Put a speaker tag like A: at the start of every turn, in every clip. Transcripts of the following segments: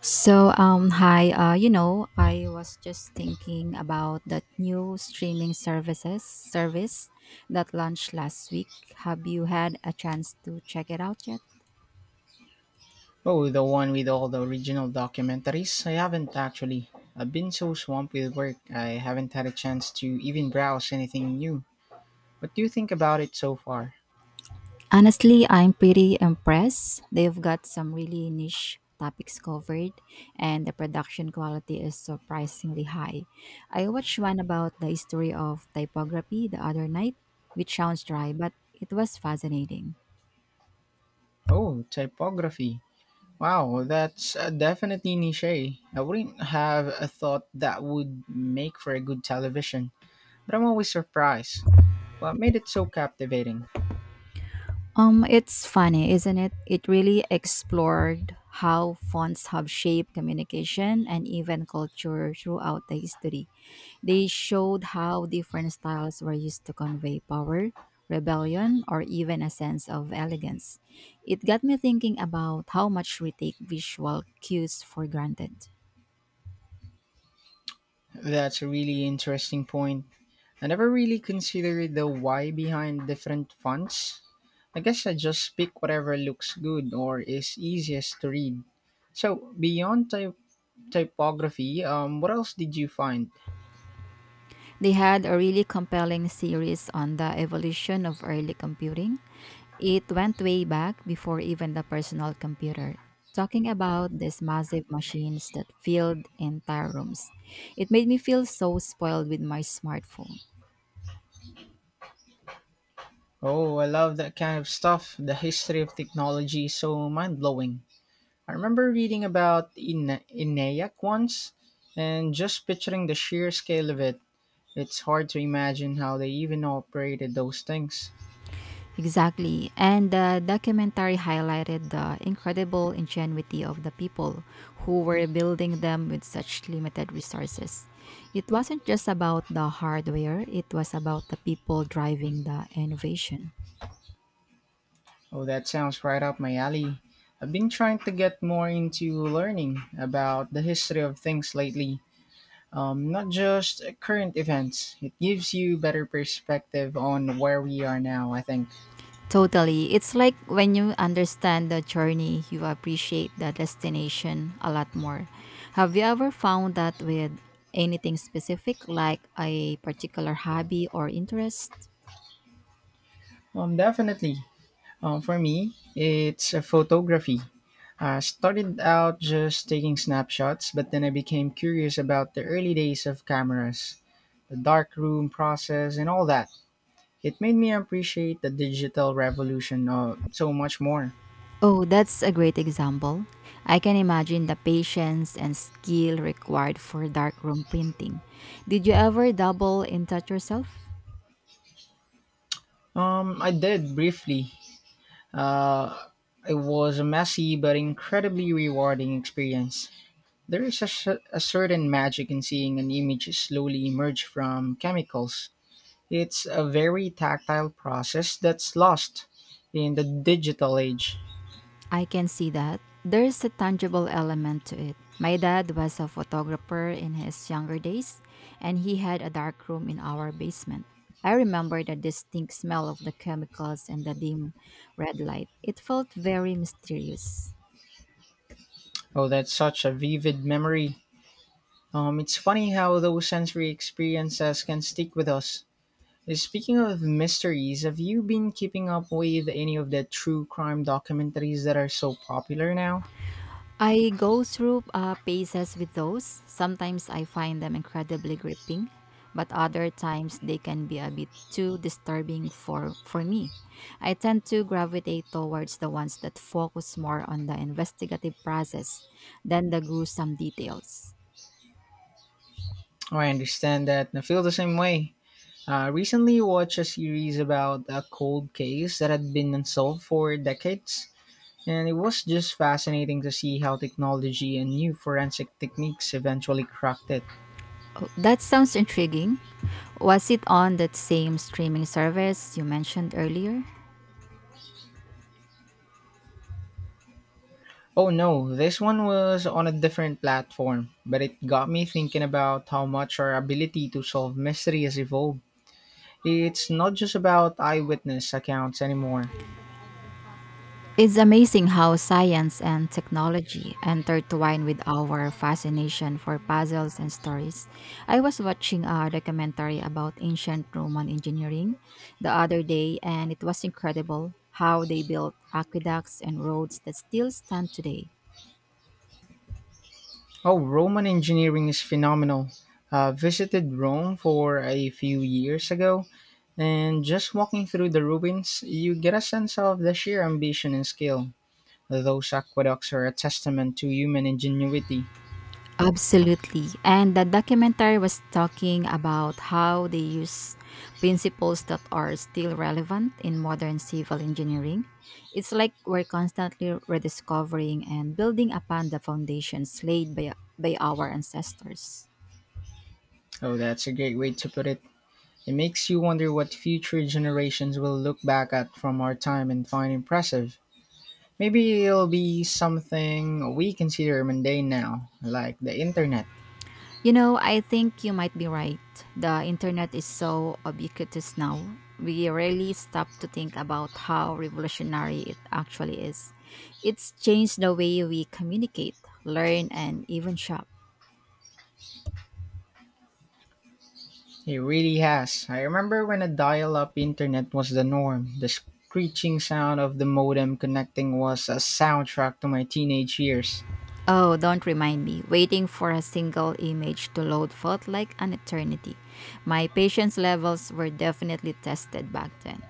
A: So, hi, I was just thinking about that new streaming services service that launched last week. Have you had a chance to check it out yet?
B: Oh, the one with all the original documentaries? I haven't actually. I've been so swamped with work, I haven't had a chance to even browse anything new. What do you think about it so far?
A: Honestly, I'm pretty impressed. They've got some really niche topics covered, and the production quality is surprisingly high. I watched one about the history of typography the other night, which sounds dry, but it was fascinating.
B: Oh, typography. Wow, that's definitely niche. Eh? I wouldn't have a thought that would make for a good television, but I'm always surprised. What made it so captivating?
A: It's funny, isn't it? It really explored how fonts have shaped communication and even culture throughout the history. They showed how different styles were used to convey power, rebellion, or even a sense of elegance. It got me thinking about how much we take visual cues for granted.
B: That's a really interesting point. I never really considered the why behind different fonts. I guess I just pick whatever looks good or is easiest to read. So, beyond typography, what else did you find?
A: They had a really compelling series on the evolution of early computing. It went way back before even the personal computer, talking about these massive machines that filled entire rooms. It made me feel so spoiled with my smartphone.
B: Oh, I love that kind of stuff. The history of technology is so mind blowing. I remember reading about ENIAC once and just picturing the sheer scale of it. It's hard to imagine how they even operated those things.
A: Exactly. And the documentary highlighted the incredible ingenuity of the people who were building them with such limited resources. It wasn't just about the hardware, it was about the people driving the innovation.
B: Oh, that sounds right up my alley. I've been trying to get more into learning about the history of things lately, not just current events. It gives you better perspective on where we are now, I think.
A: Totally. It's like when you understand the journey, you appreciate the destination a lot more. Have you ever found that with anything specific, like a particular hobby or interest?
B: Definitely. For me, it's photography. I started out just taking snapshots, but then I became curious about the early days of cameras, the darkroom process, and all that. It made me appreciate the digital revolution so much more.
A: Oh, that's a great example. I can imagine the patience and skill required for darkroom printing. Did you ever double in touch yourself?
B: I did briefly. Uh, it was a messy but incredibly rewarding experience. There is a certain magic in seeing an image slowly emerge from chemicals. It's a very tactile process that's lost in the digital age.
A: I can see that. There's a tangible element to it. My dad was a photographer in his younger days, and he had a darkroom in our basement. I remember the distinct smell of the chemicals and the dim red light. It felt very mysterious.
B: Oh, that's such a vivid memory. It's funny how those sensory experiences can stick with us. Speaking of mysteries, have you been keeping up with any of the true crime documentaries that are so popular now?
A: I go through phases with those. Sometimes I find them incredibly gripping, but other times they can be a bit too disturbing for me. I tend to gravitate towards the ones that focus more on the investigative process than the gruesome details.
B: Oh, I understand that. I feel the same way. I recently watched a series about a cold case that had been unsolved for decades, and it was just fascinating to see how technology and new forensic techniques eventually cracked it.
A: Oh, that sounds intriguing. Was it on that same streaming service you mentioned earlier?
B: Oh no, this one was on a different platform, but it got me thinking about how much our ability to solve mystery has evolved. It's not just about eyewitness accounts anymore.
A: It's amazing how science and technology intertwine with our fascination for puzzles and stories. I was watching a documentary about ancient Roman engineering the other day, and it was incredible how they built aqueducts and roads that still stand today.
B: Oh, Roman engineering is phenomenal. Visited Rome for a few years ago, and just walking through the ruins, you get a sense of the sheer ambition and skill. Those aqueducts are a testament to human ingenuity.
A: Absolutely. And the documentary was talking about how they use principles that are still relevant in modern civil engineering. It's like we're constantly rediscovering and building upon the foundations laid by our ancestors.
B: Oh, that's a great way to put it. It makes you wonder what future generations will look back at from our time and find impressive. Maybe it'll be something we consider mundane now, like the internet.
A: You know, I think you might be right. The internet is so ubiquitous now. We rarely stop to think about how revolutionary it actually is. It's changed the way we communicate, learn, and even shop.
B: It really has. I remember when a dial up internet was the norm. The screeching sound of the modem connecting was a soundtrack to my teenage years.
A: Oh, don't remind me. Waiting for a single image to load felt like an eternity. My patience levels were definitely tested back then.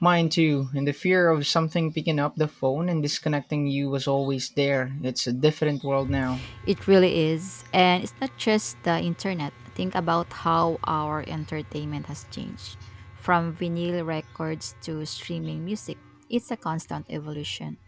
B: Mine too, and the fear of something picking up the phone and disconnecting you was always there. It's a different world now.
A: It really is. And it's not just the internet. Think about how our entertainment has changed from vinyl records to streaming music. It's a constant evolution.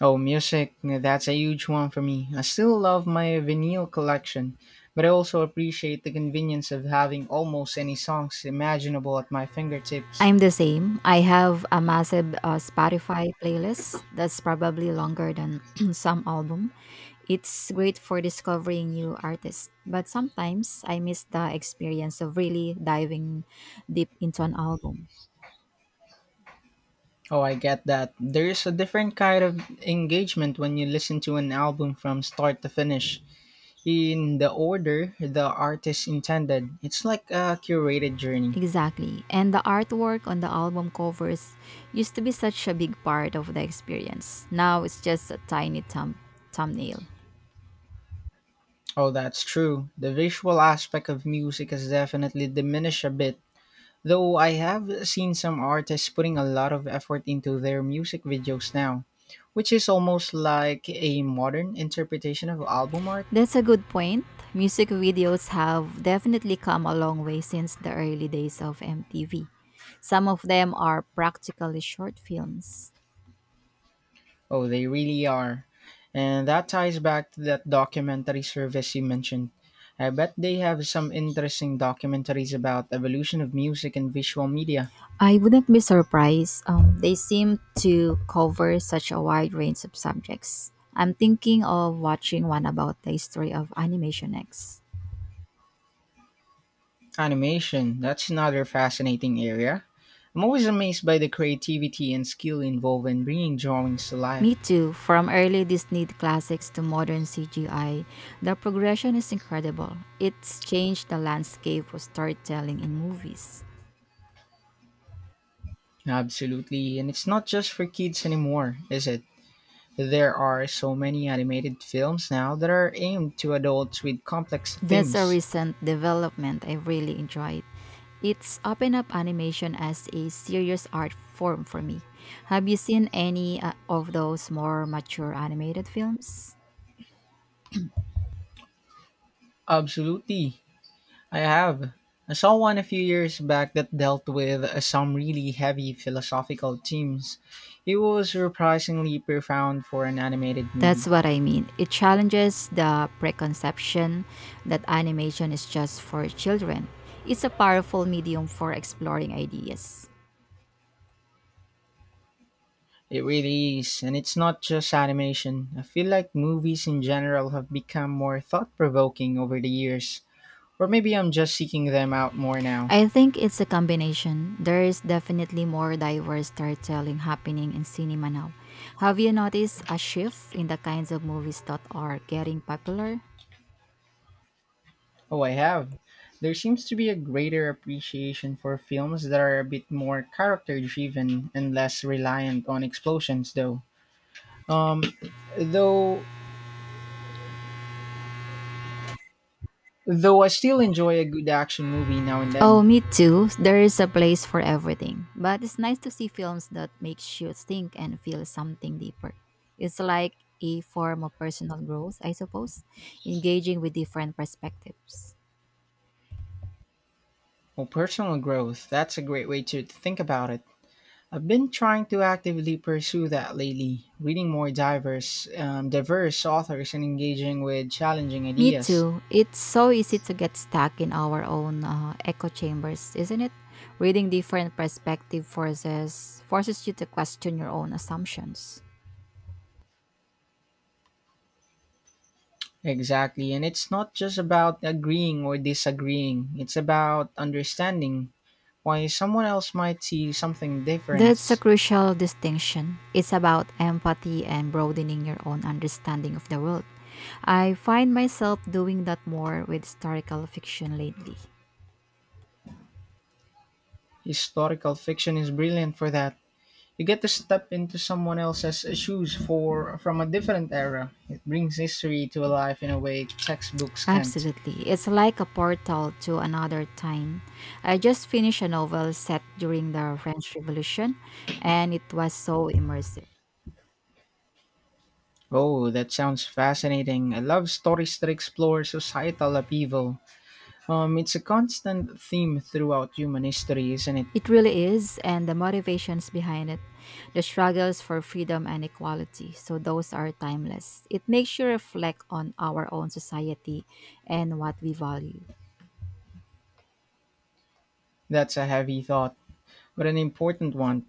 B: Oh, music, that's a huge one for me. I still love my vinyl collection, but I also appreciate the convenience of having almost any songs imaginable at my fingertips.
A: I'm the same. I have a massive Spotify playlist that's probably longer than some album. It's great for discovering new artists, but sometimes I miss the experience of really diving deep into an album.
B: Oh, I get that. There is a different kind of engagement when you listen to an album from start to finish, in the order the artist intended. It's like a curated journey.
A: Exactly. And the artwork on the album covers used to be such a big part of the experience. Now it's just a tiny thumbnail.
B: Oh, that's true. The visual aspect of music has definitely diminished a bit, though I have seen some artists putting a lot of effort into their music videos now, which is almost like a modern interpretation of album art.
A: That's a good point. Music videos have definitely come a long way since the early days of MTV. Some of them are practically short films.
B: Oh, they really are. And that ties back to that documentary service you mentioned. I bet they have some interesting documentaries about evolution of music and visual media.
A: I wouldn't be surprised. They seem to cover such a wide range of subjects. I'm thinking of watching one about the history of animation next.
B: Animation, that's another fascinating area. I'm always amazed by the creativity and skill involved in bringing drawings to
A: Me
B: life.
A: too. From early Disney classics to modern CGI, the progression is incredible. It's changed the landscape of storytelling in movies.
B: Absolutely, and it's not just for kids anymore, is it? There are so many animated films now that are aimed to adults with complex
A: That's a
B: themes.
A: recent development I really enjoyed. It's opened up animation as a serious art form for me. Have you seen any of those more mature animated films?
B: Absolutely. I have. I saw one a few years back that dealt with some really heavy philosophical themes. It was surprisingly profound for an animated
A: That's
B: movie.
A: what I mean. It challenges the preconception that animation is just for children. It's a powerful medium for exploring ideas.
B: It really is, and it's not just animation. I feel like movies in general have become more thought provoking over the years. Or maybe I'm just seeking them out more now.
A: I think it's a combination. There is definitely more diverse storytelling happening in cinema now. Have you noticed a shift in the kinds of movies that are getting popular?
B: Oh, I have. There seems to be a greater appreciation for films that are a bit more character driven and less reliant on explosions, though. Um, though though I still enjoy a good action movie now and
A: Oh,
B: then.
A: me too. There is a place for everything. But it's nice to see films that makes you think and feel something deeper. It's like a form of personal growth, I suppose, engaging with different perspectives.
B: Well, personal growth, that's a great way to think about it. I've been trying to actively pursue that lately, reading more diverse authors and engaging with challenging
A: Me
B: ideas.
A: too. It's so easy to get stuck in our own echo chambers, isn't it? Reading different perspective forces you to question your own assumptions.
B: Exactly, and it's not just about agreeing or disagreeing. It's about understanding why someone else might see something
A: That's a
B: different.
A: crucial distinction. It's about empathy and broadening your own understanding of the world. I find myself doing that more with historical fiction lately.
B: Historical fiction is brilliant for that. You get to step into someone else's shoes for from a different era. It brings history to life in a way textbooks can't.
A: Absolutely. It's like a portal to another time. I just finished a novel set during the French Revolution and it was so immersive.
B: Oh, that sounds fascinating. I love stories that explore societal upheaval. It's a constant theme throughout human history, isn't it?
A: It really is, and the motivations behind it, the struggles for freedom and equality. So, those are timeless. It makes you reflect on our own society and what we value.
B: That's a heavy thought, but an important one.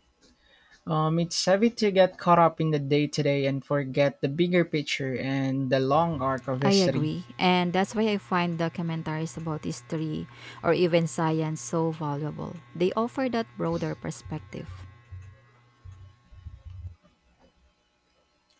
B: It's heavy to get caught up in the day to day and forget the bigger picture and the long arc of
A: I
B: history.
A: agree, and that's why I find documentaries about history or even science so valuable. They offer that broader perspective.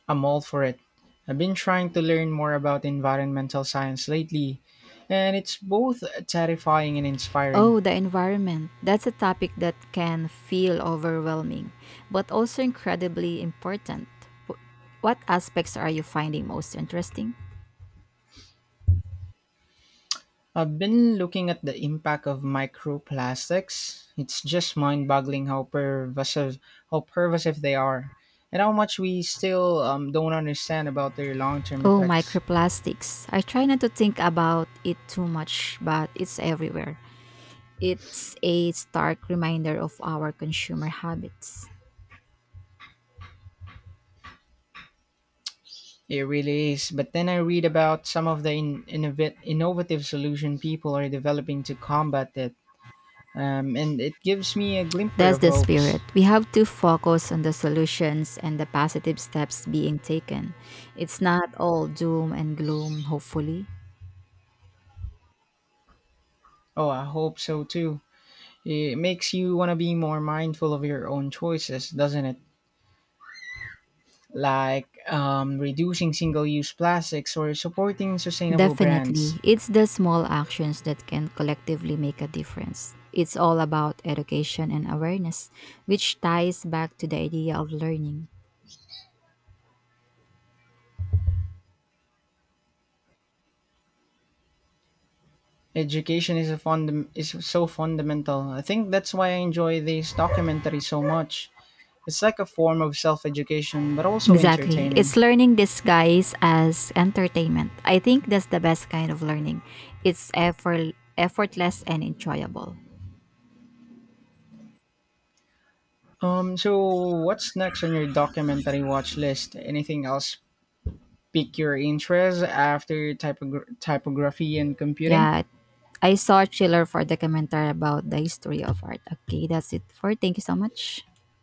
B: I'm all for it. I've been trying to learn more about environmental science lately, and it's both terrifying and inspiring.
A: Oh, the environment. That's a topic that can feel overwhelming, but also incredibly important. Wh- What aspects are you finding most interesting?
B: I've been looking at the impact of microplastics. It's just mind-boggling how pervasive they are, and how much we still don't understand about their long-term
A: Oh,
B: effects.
A: microplastics. I try not to think about it too much, but it's everywhere. It's a stark reminder of our consumer habits.
B: It really is. But then I read about some of the innovative solution people are developing to combat it, and it gives me a glimmer
A: That's
B: of
A: the spirit.
B: hopes.
A: We have to focus on the solutions and the positive steps being taken. It's not all doom and gloom, hopefully.
B: Oh, I hope so too. It makes you want to be more mindful of your own choices, doesn't it? Like reducing single use plastics or supporting sustainable
A: Definitely,
B: brands.
A: it's the small actions that can collectively make a difference. It's all about education and awareness, which ties back to the idea of learning.
B: Education is so fundamental. I think that's why I enjoy this documentary so much. It's like a form of self education, but also
A: Exactly. It's
B: entertaining.
A: learning disguised as entertainment. I think that's the best kind of learning. It's effortless and enjoyable.
B: So, what's next on your documentary watch list? Anything else pique your interest after typography and computing?
A: Yeah. I saw a Chiller for documentary about the history of art. Okay, that's it for. Thank you so much.